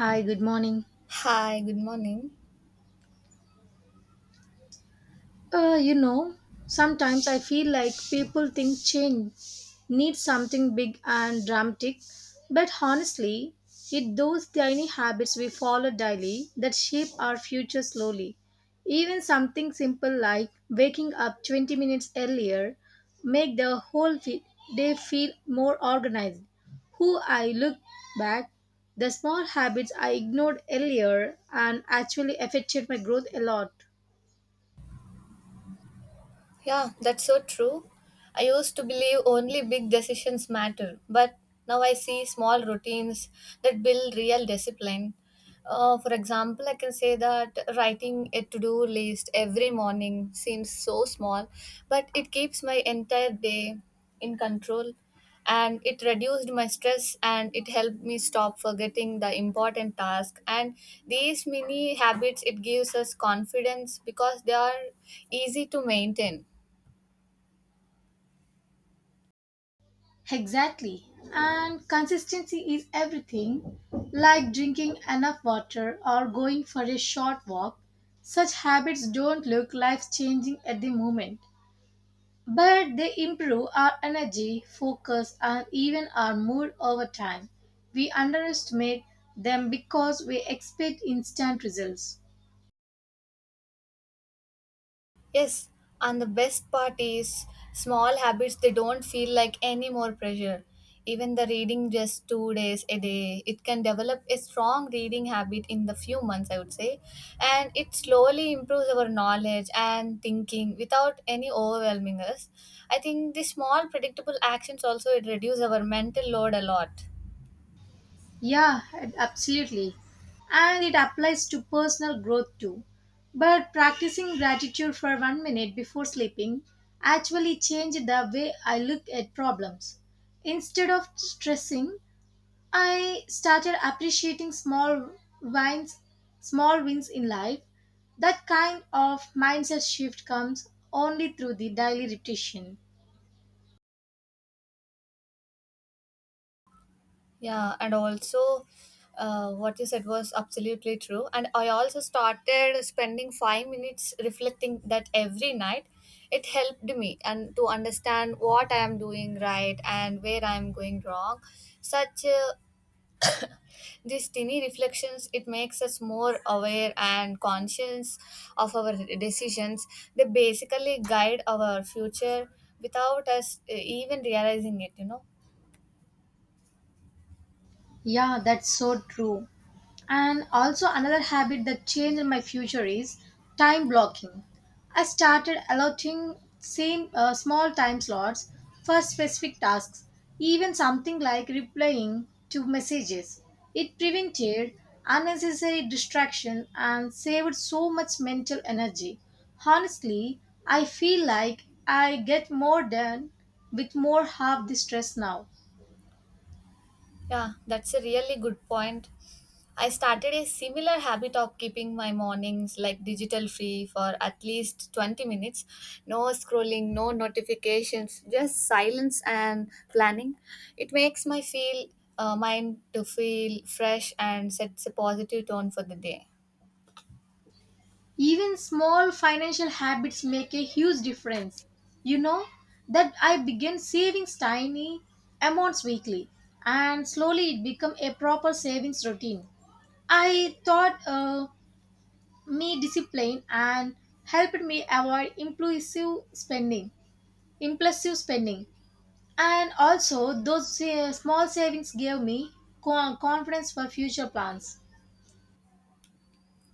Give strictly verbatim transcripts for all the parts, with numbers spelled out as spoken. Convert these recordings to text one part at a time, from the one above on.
Hi, good morning. Hi, good morning. Uh, you know, Sometimes I feel like people think change needs something big and dramatic, but honestly, it those tiny habits we follow daily that shape our future slowly. Even something simple like waking up twenty minutes earlier make the whole fe- day feel more organized. Who I look back, the small habits I ignored earlier and actually affected my growth a lot. Yeah, that's so true. I used to believe only big decisions matter, but now I see small routines that build real discipline. Uh, for example, I can say that writing a to do list every morning seems so small, but it keeps my entire day in control and it reduced my stress and it helped me stop forgetting the important task and these mini habits it gives us confidence because they are easy to maintain. Exactly. And consistency is everything, like drinking enough water or going for a short walk. Such habits don't look life changing at the moment, but they improve our energy, focus, and even our mood over time. We underestimate them because we expect instant results. Yes, and the best part is small habits they don't feel like any more pressure. Even the reading just two days a day, it can develop a strong reading habit in the few months, I would say. And it slowly improves our knowledge and thinking without any overwhelming us. I think the small predictable actions also it reduce our mental load a lot. Yeah, ad- absolutely. And it applies to personal growth too. But practicing gratitude for one minute before sleeping actually changed the way I look at problems. Instead of stressing, I started appreciating small wins, small wins in life. That kind of mindset shift comes only through the daily repetition. Yeah, and also uh, what you said was absolutely true. And I also started spending five minutes reflecting that every night. It helped me and to understand what I am doing right and where I am going wrong. Such uh, These tiny reflections it makes us more aware and conscious of our decisions. They basically guide our future without us uh, even realizing it. You know. Yeah, that's so true. And also, another habit that changed my future is time blocking. I started allotting same uh, small time slots for specific tasks, even something like replying to messages. It prevented unnecessary distraction and saved so much mental energy. Honestly, I feel like I get more done with more half the stress now. Yeah, that's a really good point. I started a similar habit of keeping my mornings like digital free for at least twenty minutes. No scrolling, no notifications, just silence and planning. It makes my feel uh, mind to feel fresh and sets a positive tone for the day. Even small financial habits make a huge difference. You know that I began saving tiny amounts weekly and slowly it became a proper savings routine. I thought uh, me discipline and helped me avoid impulsive spending, impulsive spending, and also those uh, small savings gave me co- confidence for future plans.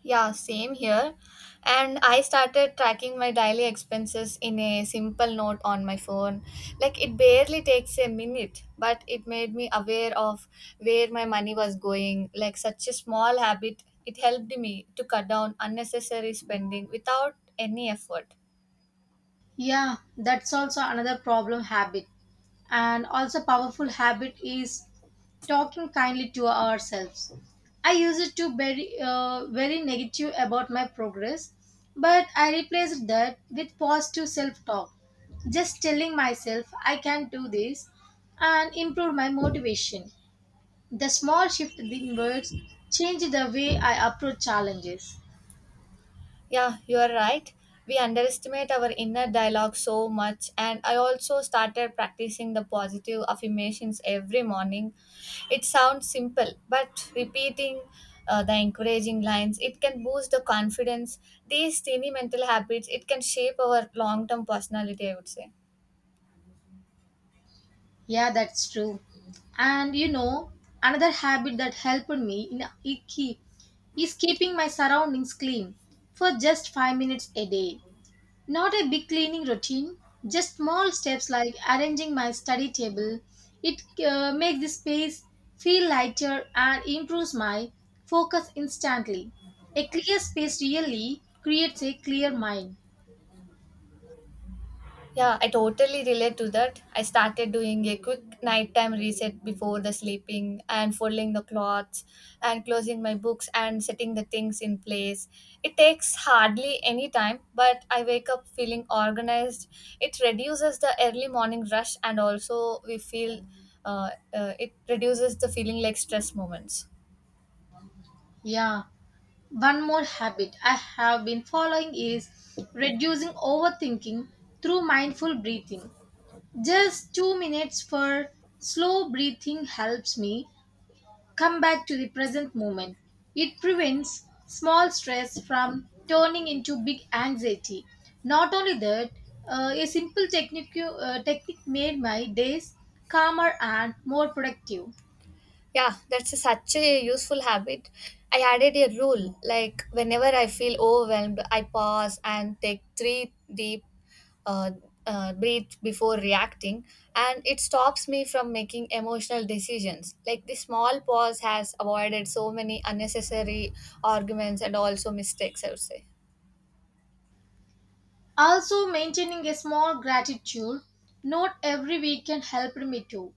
Yeah, same here. And I started tracking my daily expenses in a simple note on my phone. Like it barely takes a minute, but it made me aware of where my money was going. Like such a small habit, it helped me to cut down unnecessary spending without any effort. Yeah, that's also another problem habit. And also powerful habit is talking kindly to ourselves. I use it to very uh, very negative about my progress, but I replaced that with positive self-talk. Just telling myself I can do this and improve my motivation. The small shift in words change the way I approach challenges. Yeah, you are right. We underestimate our inner dialogue so much, and I also started practicing the positive affirmations every morning. It sounds simple, but repeating uh, the encouraging lines it can boost the confidence. These tiny mental habits it can shape our long term personality. I would say. Yeah, that's true. And you know, another habit that helped me in I- keep is keeping my surroundings clean for just five minutes a day. Not a big cleaning routine, just small steps like arranging my study table. It uh, makes the space feel lighter and improves my focus instantly. A clear space really creates a clear mind. Yeah, I totally relate to that. I started doing a quick nighttime reset before the sleeping and folding the clothes and closing my books and setting the things in place. It takes hardly any time, but I wake up feeling organized. It reduces the early morning rush and also we feel uh, uh, it reduces the feeling like stress moments. Yeah. One more habit I have been following is reducing overthinking through mindful breathing. Just two minutes for slow breathing helps me come back to the present moment. It prevents small stress from turning into big anxiety. Not only that, uh, a simple technique, uh, technique made my days calmer and more productive. Yeah, that's a, such a useful habit. I added a rule like whenever I feel overwhelmed, I pause and take three deep uh, uh, breaths before reacting, and it stops me from making emotional decisions. Like this small pause has avoided so many unnecessary arguments and also mistakes, I would say. Also, maintaining a small gratitude note every week can help me too.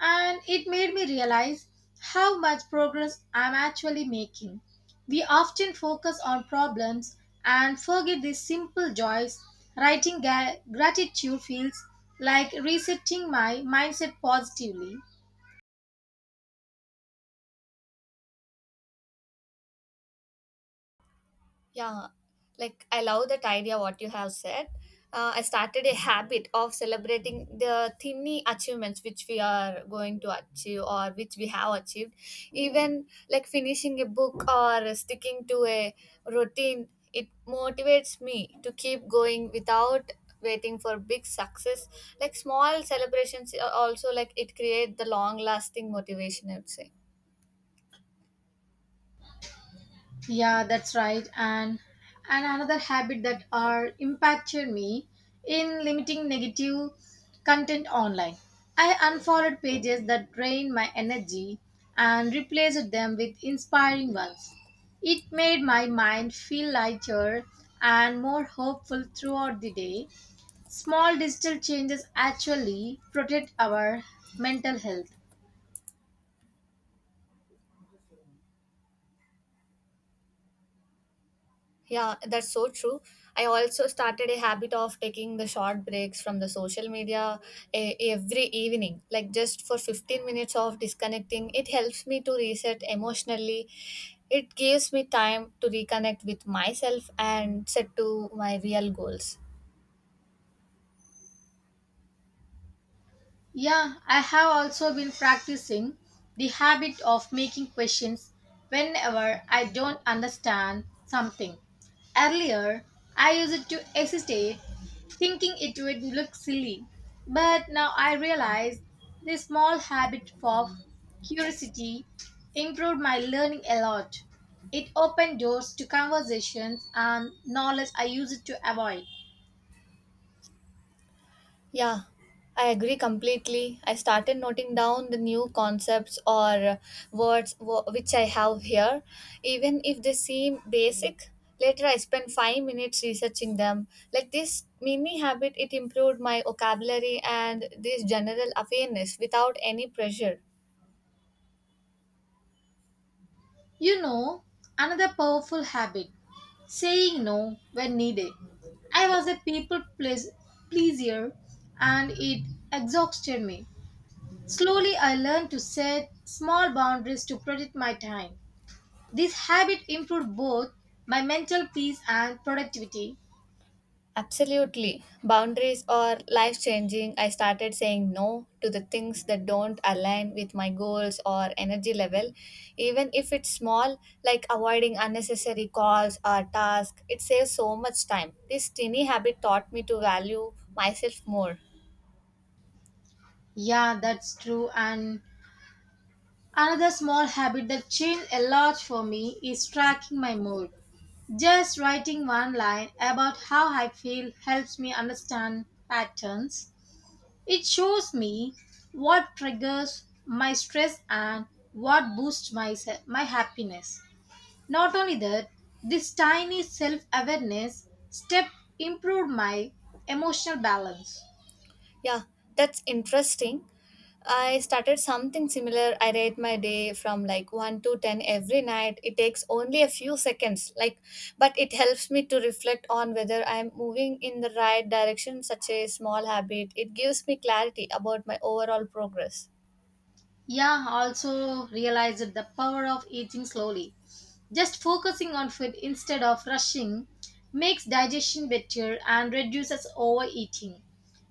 And it made me realize how much progress I'm actually making. We often focus on problems and forget these simple joys. Writing ga- gratitude feels like resetting my mindset positively. Yeah, like I love that idea what you have said. Uh, I started a habit of celebrating the tiny achievements which we are going to achieve or which we have achieved. Even like finishing a book or sticking to a routine, it motivates me to keep going without waiting for big success. Like small celebrations are also like it create the long lasting motivation, I would say. Yeah, that's right. And and another habit that are impacted me in limiting negative content online. I unfollowed pages that drain my energy and replaced them with inspiring ones. It made my mind feel lighter and more hopeful throughout the day. Small digital changes actually protect our mental health. Yeah, that's so true. I also started a habit of taking the short breaks from the social media e- every evening, like just for fifteen minutes of disconnecting. It helps me to reset emotionally. It gives me time to reconnect with myself and set to my real goals. Yeah, I have also been practicing the habit of making questions whenever I don't understand something. Earlier, I used to hesitate, thinking it would look silly. But now I realize this small habit of curiosity improved my learning a lot. It opened doors to conversations and knowledge I used to avoid. Yeah, I agree completely. I started noting down the new concepts or words wo- which I have here, even if they seem basic. Later, I spent five minutes researching them. Like this mini habit, it improved my vocabulary and this general awareness without any pressure. You know, another powerful habit saying no when needed. I was a people pleas- pleaser and it exhausted me. Slowly, I learned to set small boundaries to protect my time. This habit improved both my mental peace and productivity. Absolutely. Boundaries are life changing. I started saying no to the things that don't align with my goals or energy level, even if it's small, like avoiding unnecessary calls or tasks. It saves so much time. This tiny habit taught me to value myself more. Yeah, that's true. And another small habit that changed a lot for me is tracking my mood. Just writing one line about how I feel helps me understand patterns. It shows me what triggers my stress and what boosts my, se- my happiness. Not only that, this tiny self awareness step improved my emotional balance. Yeah, that's interesting. I started something similar. I rate my day from like one to ten every night. It takes only a few seconds, like, but it helps me to reflect on whether I'm moving in the right direction, such a small habit. It gives me clarity about my overall progress. Yeah, also realized the power of eating slowly. Just focusing on food instead of rushing makes digestion better and reduces overeating.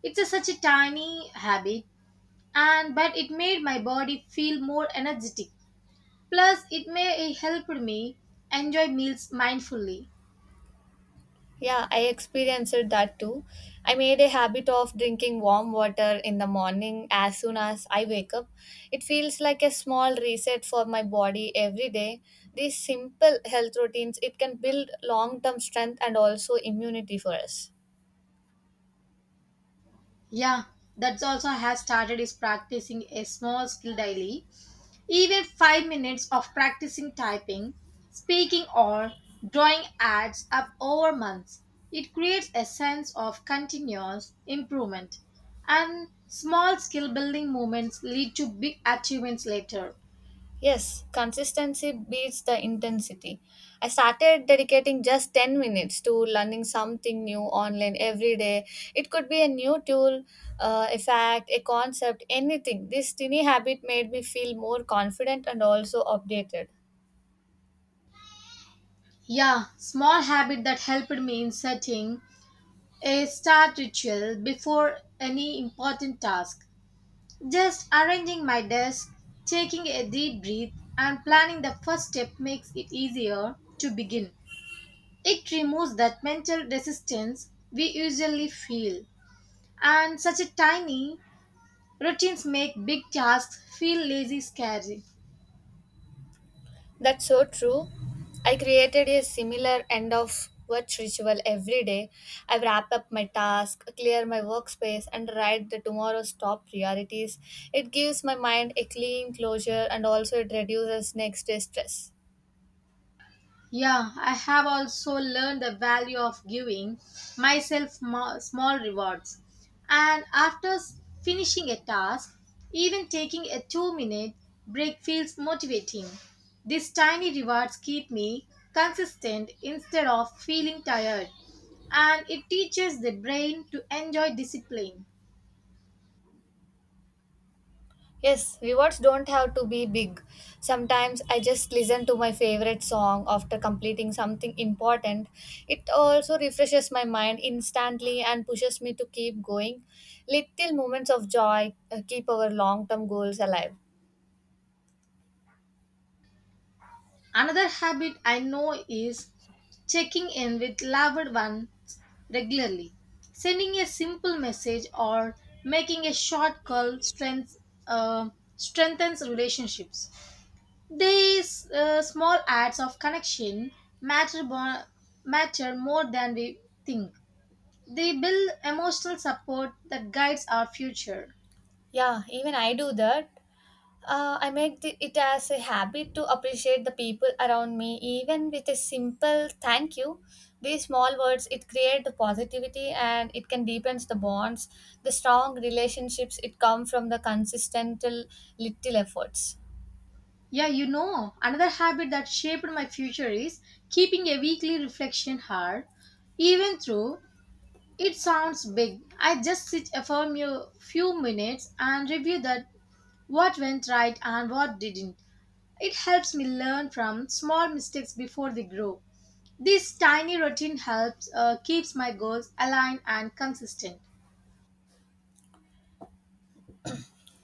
It's a, such a tiny habit and but it made my body feel more energetic. Plus it may it helped me enjoy meals mindfully. Yeah, I experienced that too. I made a habit of drinking warm water in the morning as soon as I wake up. It feels like a small reset for my body every day. These simple health routines, it can build long-term strength and also immunity for us. Yeah, that's also has started is practicing a small skill daily. Even five minutes of practicing typing, speaking, or drawing adds up over months. It creates a sense of continuous improvement, and small skill building moments lead to big achievements later. Yes, consistency beats the intensity. I started dedicating just ten minutes to learning something new online every day. It could be a new tool, uh, a fact, a concept, anything. This tiny habit made me feel more confident and also updated. Yeah, small habit that helped me in setting a start ritual before any important task. Just arranging my desk, taking a deep breath, and planning the first step makes it easier to begin. It removes that mental resistance we usually feel. And such a tiny routines make big tasks feel lazy scary. That's so true. I created a similar end of watch ritual every day. I wrap up my task, clear my workspace, and write the tomorrow's top priorities. It gives my mind a clean closure and also it reduces next day stress. Yeah, I have also learned the value of giving myself mo- small rewards. And after s- finishing a task, even taking a two minute break feels motivating. These tiny rewards keep me consistent instead of feeling tired, and it teaches the brain to enjoy discipline. Yes, rewards don't have to be big. Sometimes I just listen to my favorite song after completing something important. It also refreshes my mind instantly and pushes me to keep going. Little moments of joy uh, keep our long term goals alive. Another habit I know is checking in with loved ones regularly. Sending a simple message or making a short call strengths, uh, strengthens relationships. These uh, small acts of connection matter, bo- matter more than we think. They build emotional support that guides our future. Yeah, even I do that. Uh, I make it it as a habit to appreciate the people around me, even with a simple thank you. These small words it create the positivity and it can deepens the bonds. The strong relationships it come from the consistent little little efforts. Yeah, you know, another habit that shaped my future is keeping a weekly reflection hard. Even though it sounds big, I just sit for a few minutes and review that what went right and what didn't. It helps me learn from small mistakes before they grow. This tiny routine helps uh, keeps my goals aligned and consistent.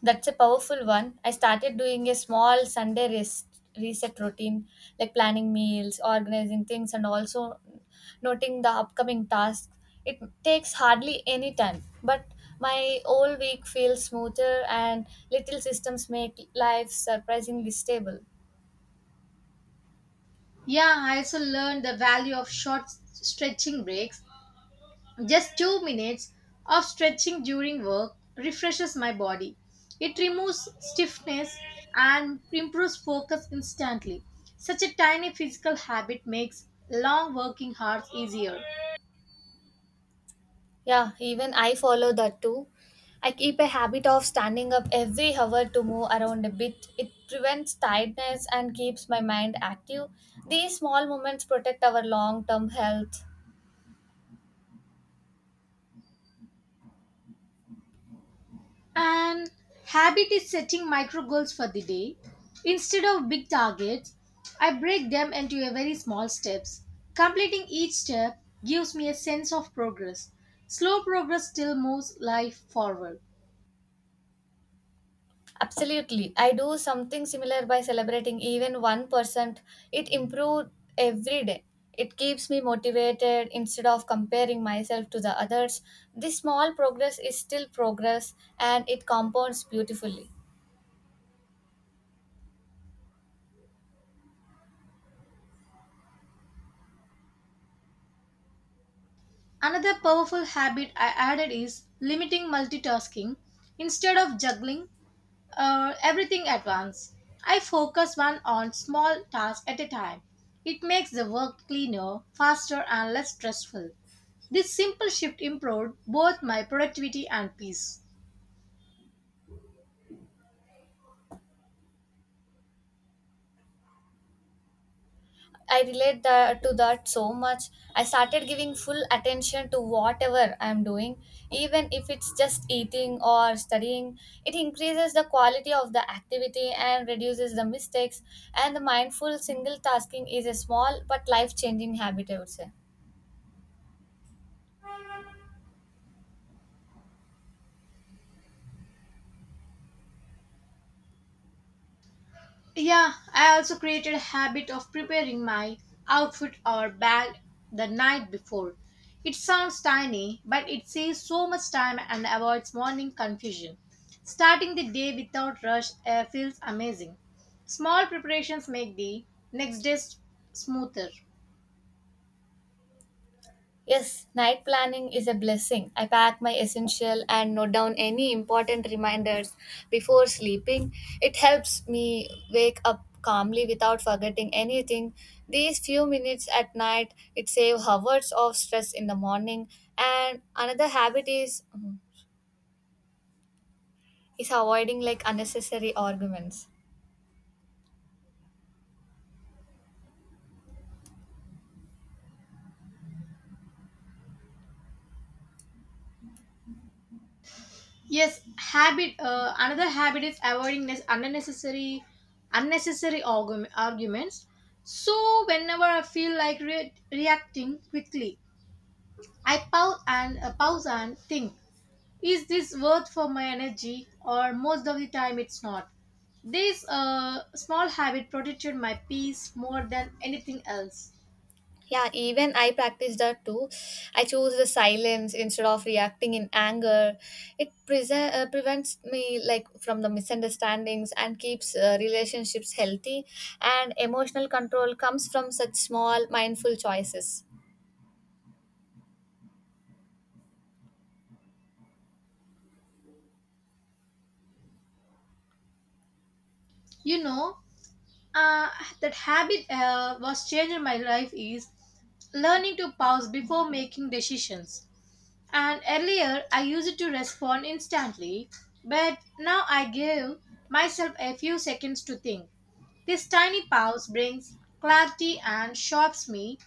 That's a powerful one. I started doing a small Sunday rest, reset routine, like planning meals, organizing things, and also noting the upcoming tasks. It takes hardly any time, but my whole week feels smoother, and little systems make life surprisingly stable. Yeah, I also learned the value of short stretching breaks. Just two minutes of stretching during work refreshes my body. It removes stiffness and improves focus instantly. Such a tiny physical habit makes long working hours easier. Yeah, even I follow that too. I keep a habit of standing up every hour to move around a bit. It prevents tiredness and keeps my mind active. These small movements protect our long term health. And habit is setting micro goals for the day. Instead of big targets, I break them into a very small steps. Completing each step gives me a sense of progress. Slow progress still moves life forward. Absolutely. I do something similar by celebrating even one percent. It improves every day. It keeps me motivated instead of comparing myself to the others. This small progress is still progress and it compounds beautifully. Another powerful habit I added is limiting multitasking. Instead of juggling uh, everything at once, I focus one on small tasks at a time. It makes the work cleaner, faster, and less stressful. This simple shift improved both my productivity and peace. I relate that to that so much. I started giving full attention to whatever I'm doing, even if it's just eating or studying. It increases the quality of the activity and reduces the mistakes. And the mindful single tasking is a small but life changing habit, I would say. Yeah, I also created a habit of preparing my outfit or bag the night before. It sounds tiny, but it saves so much time and avoids morning confusion. Starting the day without rush uh, feels amazing. Small preparations make the next day s- smoother. Yes, night planning is a blessing. I pack my essential and note down any important reminders before sleeping. It helps me wake up calmly without forgetting anything. These few minutes at night, it saves hours of stress in the morning. And another habit is mm-hmm, is avoiding like unnecessary arguments. Yes, habit. Uh, another habit is avoiding nes- unnecessary, unnecessary argum- arguments. So whenever I feel like re- reacting quickly, I pause and uh, pause and think: is this worth for my energy? Or most of the time, it's not. This uh, small habit protected my peace more than anything else. Yeah, even I practice that too. I choose the silence instead of reacting in anger. It prese- uh, prevents me like from the misunderstandings and keeps uh, relationships healthy. And emotional control comes from such small mindful choices. You know, uh, that habit uh, was changing my life is learning to pause before making decisions. And earlier I used it to respond instantly, but now I give myself a few seconds to think. This tiny pause brings clarity and stops me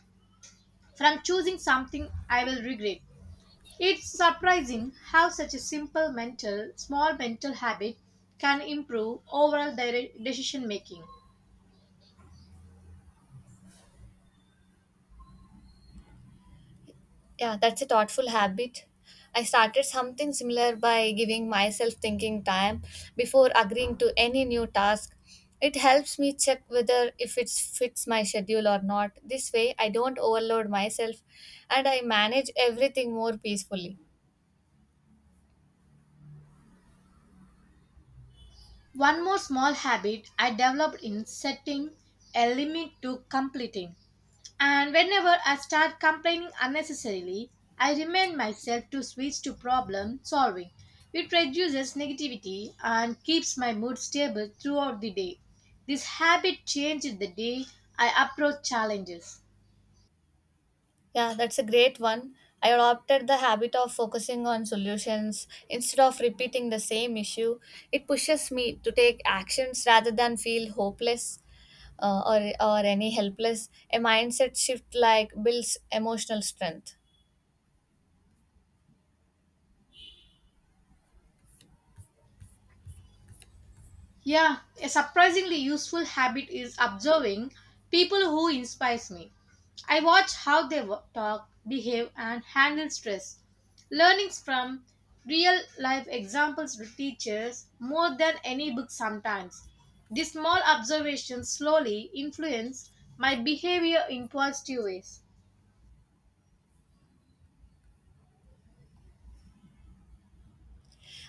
from choosing something I will regret. It's surprising how such a simple mental, small mental habit can improve overall dire- decision making. Yeah, that's a thoughtful habit. I started something similar by giving myself thinking time before agreeing to any new task. It helps me check whether if it fits my schedule or not. This way, I don't overload myself and I manage everything more peacefully. One more small habit I developed in setting a limit to completing. And whenever I start complaining unnecessarily, I remind myself to switch to problem solving. It reduces negativity and keeps my mood stable throughout the day. This habit changes the day I approach challenges. Yeah, that's a great one. I adopted the habit of focusing on solutions instead of repeating the same issue. It pushes me to take actions rather than feel hopeless uh, or, or any helpless. A mindset shift like builds emotional strength. Yeah, a surprisingly useful habit is observing people who inspires me. I watch how they wo- talk, behave, and handle stress. Learnings from real life examples teaches more than any book sometimes. These small observations slowly influence my behavior in positive ways.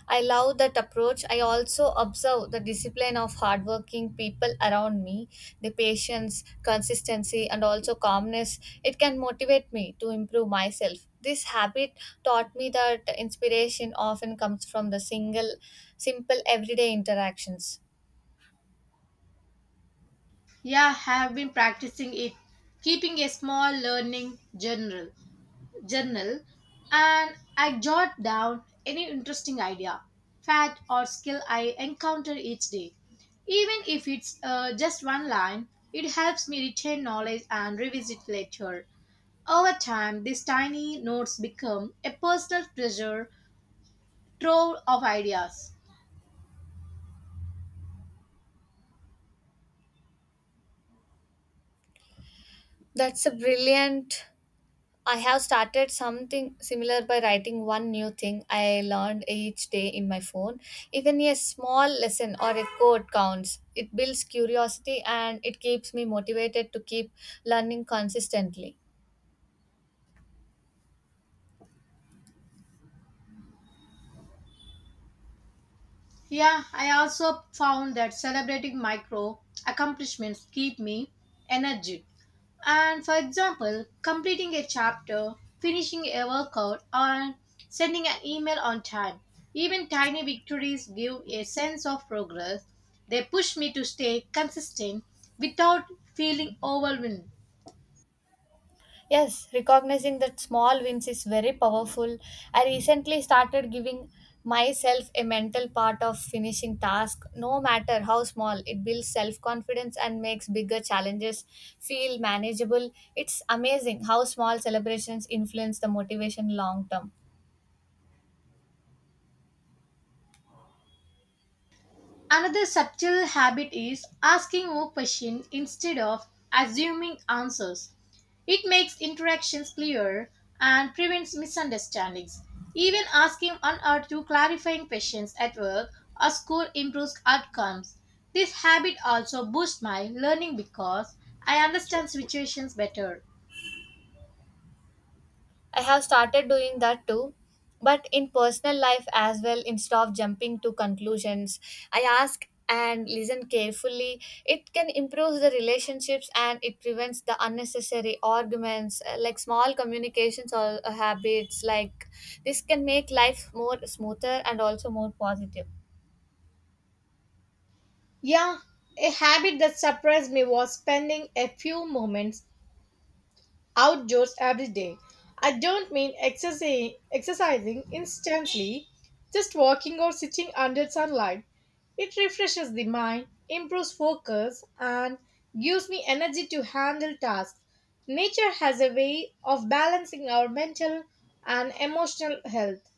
I love that approach. I also observe the discipline of hardworking people around me, the patience, consistency, and also calmness. It can motivate me to improve myself. This habit taught me that inspiration often comes from the single, simple, everyday interactions. Yeah, I have been practicing it, keeping a small learning journal. journal and I jot down any interesting idea, fact, or skill I encounter each day. Even if it's uh, just one line, it helps me retain knowledge and revisit later. Over time, these tiny notes become a personal treasure trove of ideas. That's a brilliant. I have started something similar by writing one new thing I learned each day in my phone. Even a small lesson or a quote counts. It builds curiosity and it keeps me motivated to keep learning consistently. Yeah, I also found that celebrating micro accomplishments keep me energy. And for example, completing a chapter, finishing a workout, or sending an email on time. Even tiny victories give a sense of progress. They push me to stay consistent without feeling overwhelmed. Yes, recognizing that small wins is very powerful. I recently started giving myself a mental part of finishing task, no matter how small. It builds self confidence and makes bigger challenges feel manageable. It's amazing how small celebrations influence the motivation long term. Another subtle habit is asking more questions instead of assuming answers. It makes interactions clearer and prevents misunderstandings. Even asking one or two clarifying questions at work or school improves outcomes. This habit also boosts my learning because I understand situations better. I have started doing that too, but in personal life as well, instead of jumping to conclusions, I ask and listen carefully. It can improve the relationships and it prevents the unnecessary arguments, uh, like small communications or uh, habits. Like this can make life more smoother and also more positive. Yeah, a habit that surprised me was spending a few moments outdoors every day. I don't mean exerci- exercising instantly, just walking or sitting under sunlight. It refreshes the mind, improves focus, and gives me energy to handle tasks. Nature has a way of balancing our mental and emotional health.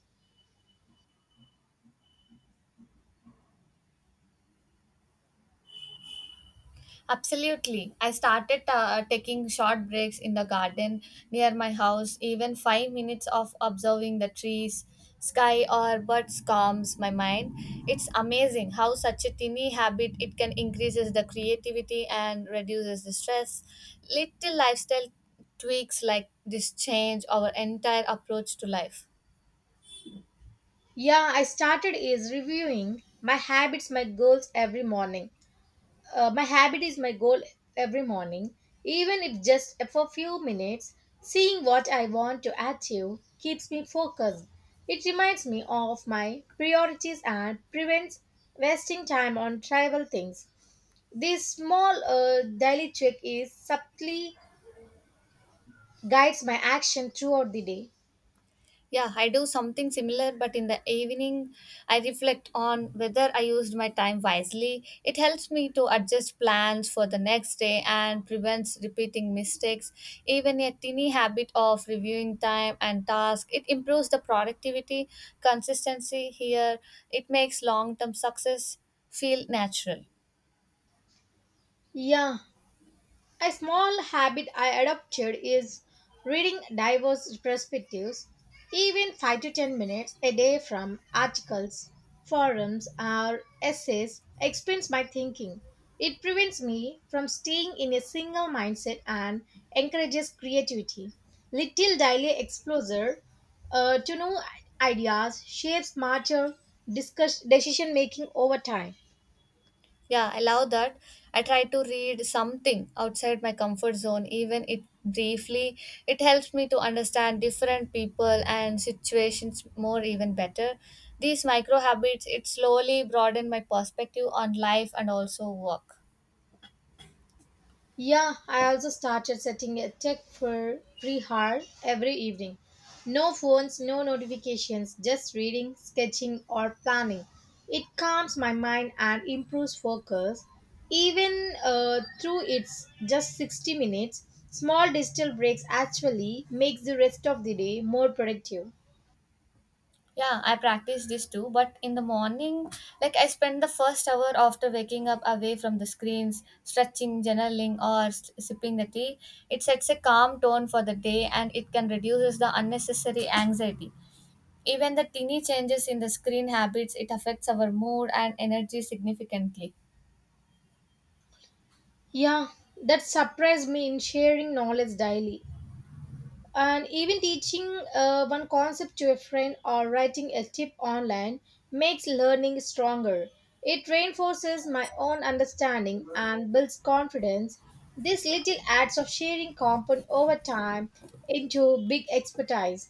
Absolutely. I started uh, taking short breaks in the garden near my house. Even five minutes of observing the trees, sky, or birds calms my mind. It's amazing how such a tiny habit it can increases the creativity and reduces the stress. Little lifestyle tweaks like this change our entire approach to life. Yeah, I started is reviewing my habits, my goals every morning. Uh, my habit is my goal every morning, even if just for a few minutes. Seeing what I want to achieve keeps me focused. It reminds me of my priorities and prevents wasting time on trivial things. This small uh, daily trick is subtly guides my action throughout the day. Yeah, I do something similar, but in the evening, I reflect on whether I used my time wisely. It helps me to adjust plans for the next day and prevents repeating mistakes. Even a tiny habit of reviewing time and task, it improves the productivity, consistency here. It makes long-term success feel natural. Yeah, a small habit I adopted is reading diverse perspectives, even five to ten minutes a day from articles, forums, or essays expands my thinking. It prevents me from staying in a single mindset and encourages creativity. Little daily exposure uh, to new ideas shapes smarter discuss- decision making over time. Yeah, I love that. I try to read something outside my comfort zone, even it briefly. It helps me to understand different people and situations more even better. These micro habits it slowly broaden my perspective on life and also work. Yeah, I also started setting a tech for free hour every evening. No phones, no notifications, just reading, sketching, or planning. It calms my mind and improves focus. Even uh, through its just sixty minutes, small digital breaks actually makes the rest of the day more productive. Yeah, I practice this too, but in the morning, like I spend the first hour after waking up away from the screens, stretching, journaling, or s- sipping the tea. It sets a calm tone for the day and it can reduces the unnecessary anxiety. Even the teeny changes in the screen habits, it affects our mood and energy significantly. Yeah, that surprised me in sharing knowledge daily. And even teaching uh, one concept to a friend or writing a tip online makes learning stronger. It reinforces my own understanding and builds confidence. These little acts of sharing compound over time into big expertise.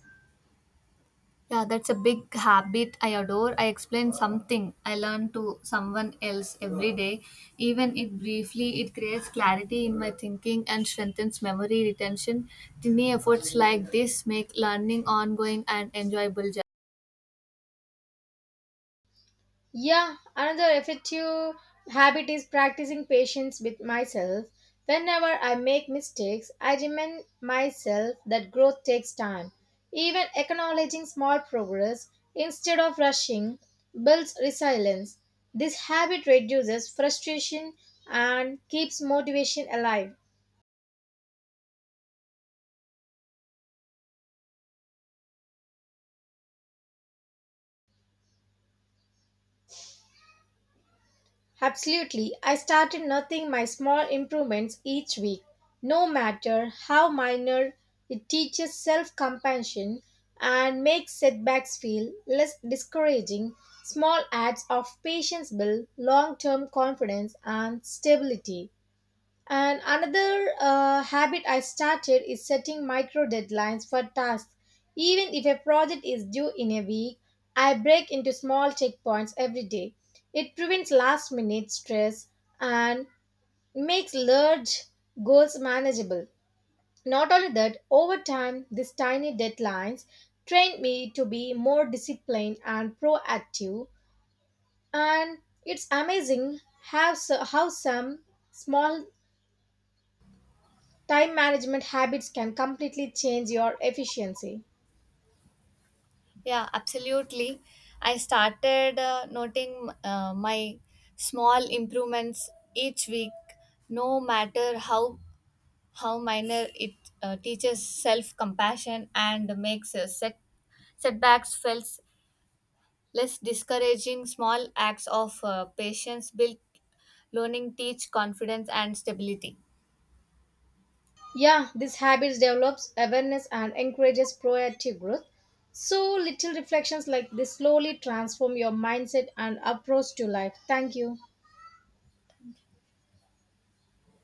Yeah, that's a big habit I adore. I explain something I learn to someone else every day. Even if briefly, it creates clarity in my thinking and strengthens memory retention. Tiny efforts like this make learning ongoing and enjoyable. jo- Yeah, another effective habit is practicing patience with myself. Whenever I make mistakes, I remind myself that growth takes time. Even acknowledging small progress instead of rushing builds resilience. This habit reduces frustration and keeps motivation alive. Absolutely. I started noting my small improvements each week, no matter how minor. It teaches self compassion and makes setbacks feel less discouraging. Small acts of patience build long term confidence and stability. And another uh, habit I started is setting micro deadlines for tasks. Even if a project is due in a week, I break into small checkpoints every day. It prevents last minute stress and makes large goals manageable. Not only that, over time, these tiny deadlines trained me to be more disciplined and proactive. And it's amazing how, so, how some small time management habits can completely change your efficiency. Yeah, absolutely. I started uh, noting uh, my small improvements each week, no matter how how minor it uh, teaches self compassion and makes uh, set- setbacks felt less discouraging. Small acts of uh, patience build learning, teach confidence, and stability. Yeah, these habits develops awareness and encourages proactive growth. So little reflections like this slowly transform your mindset and approach to life. Thank you.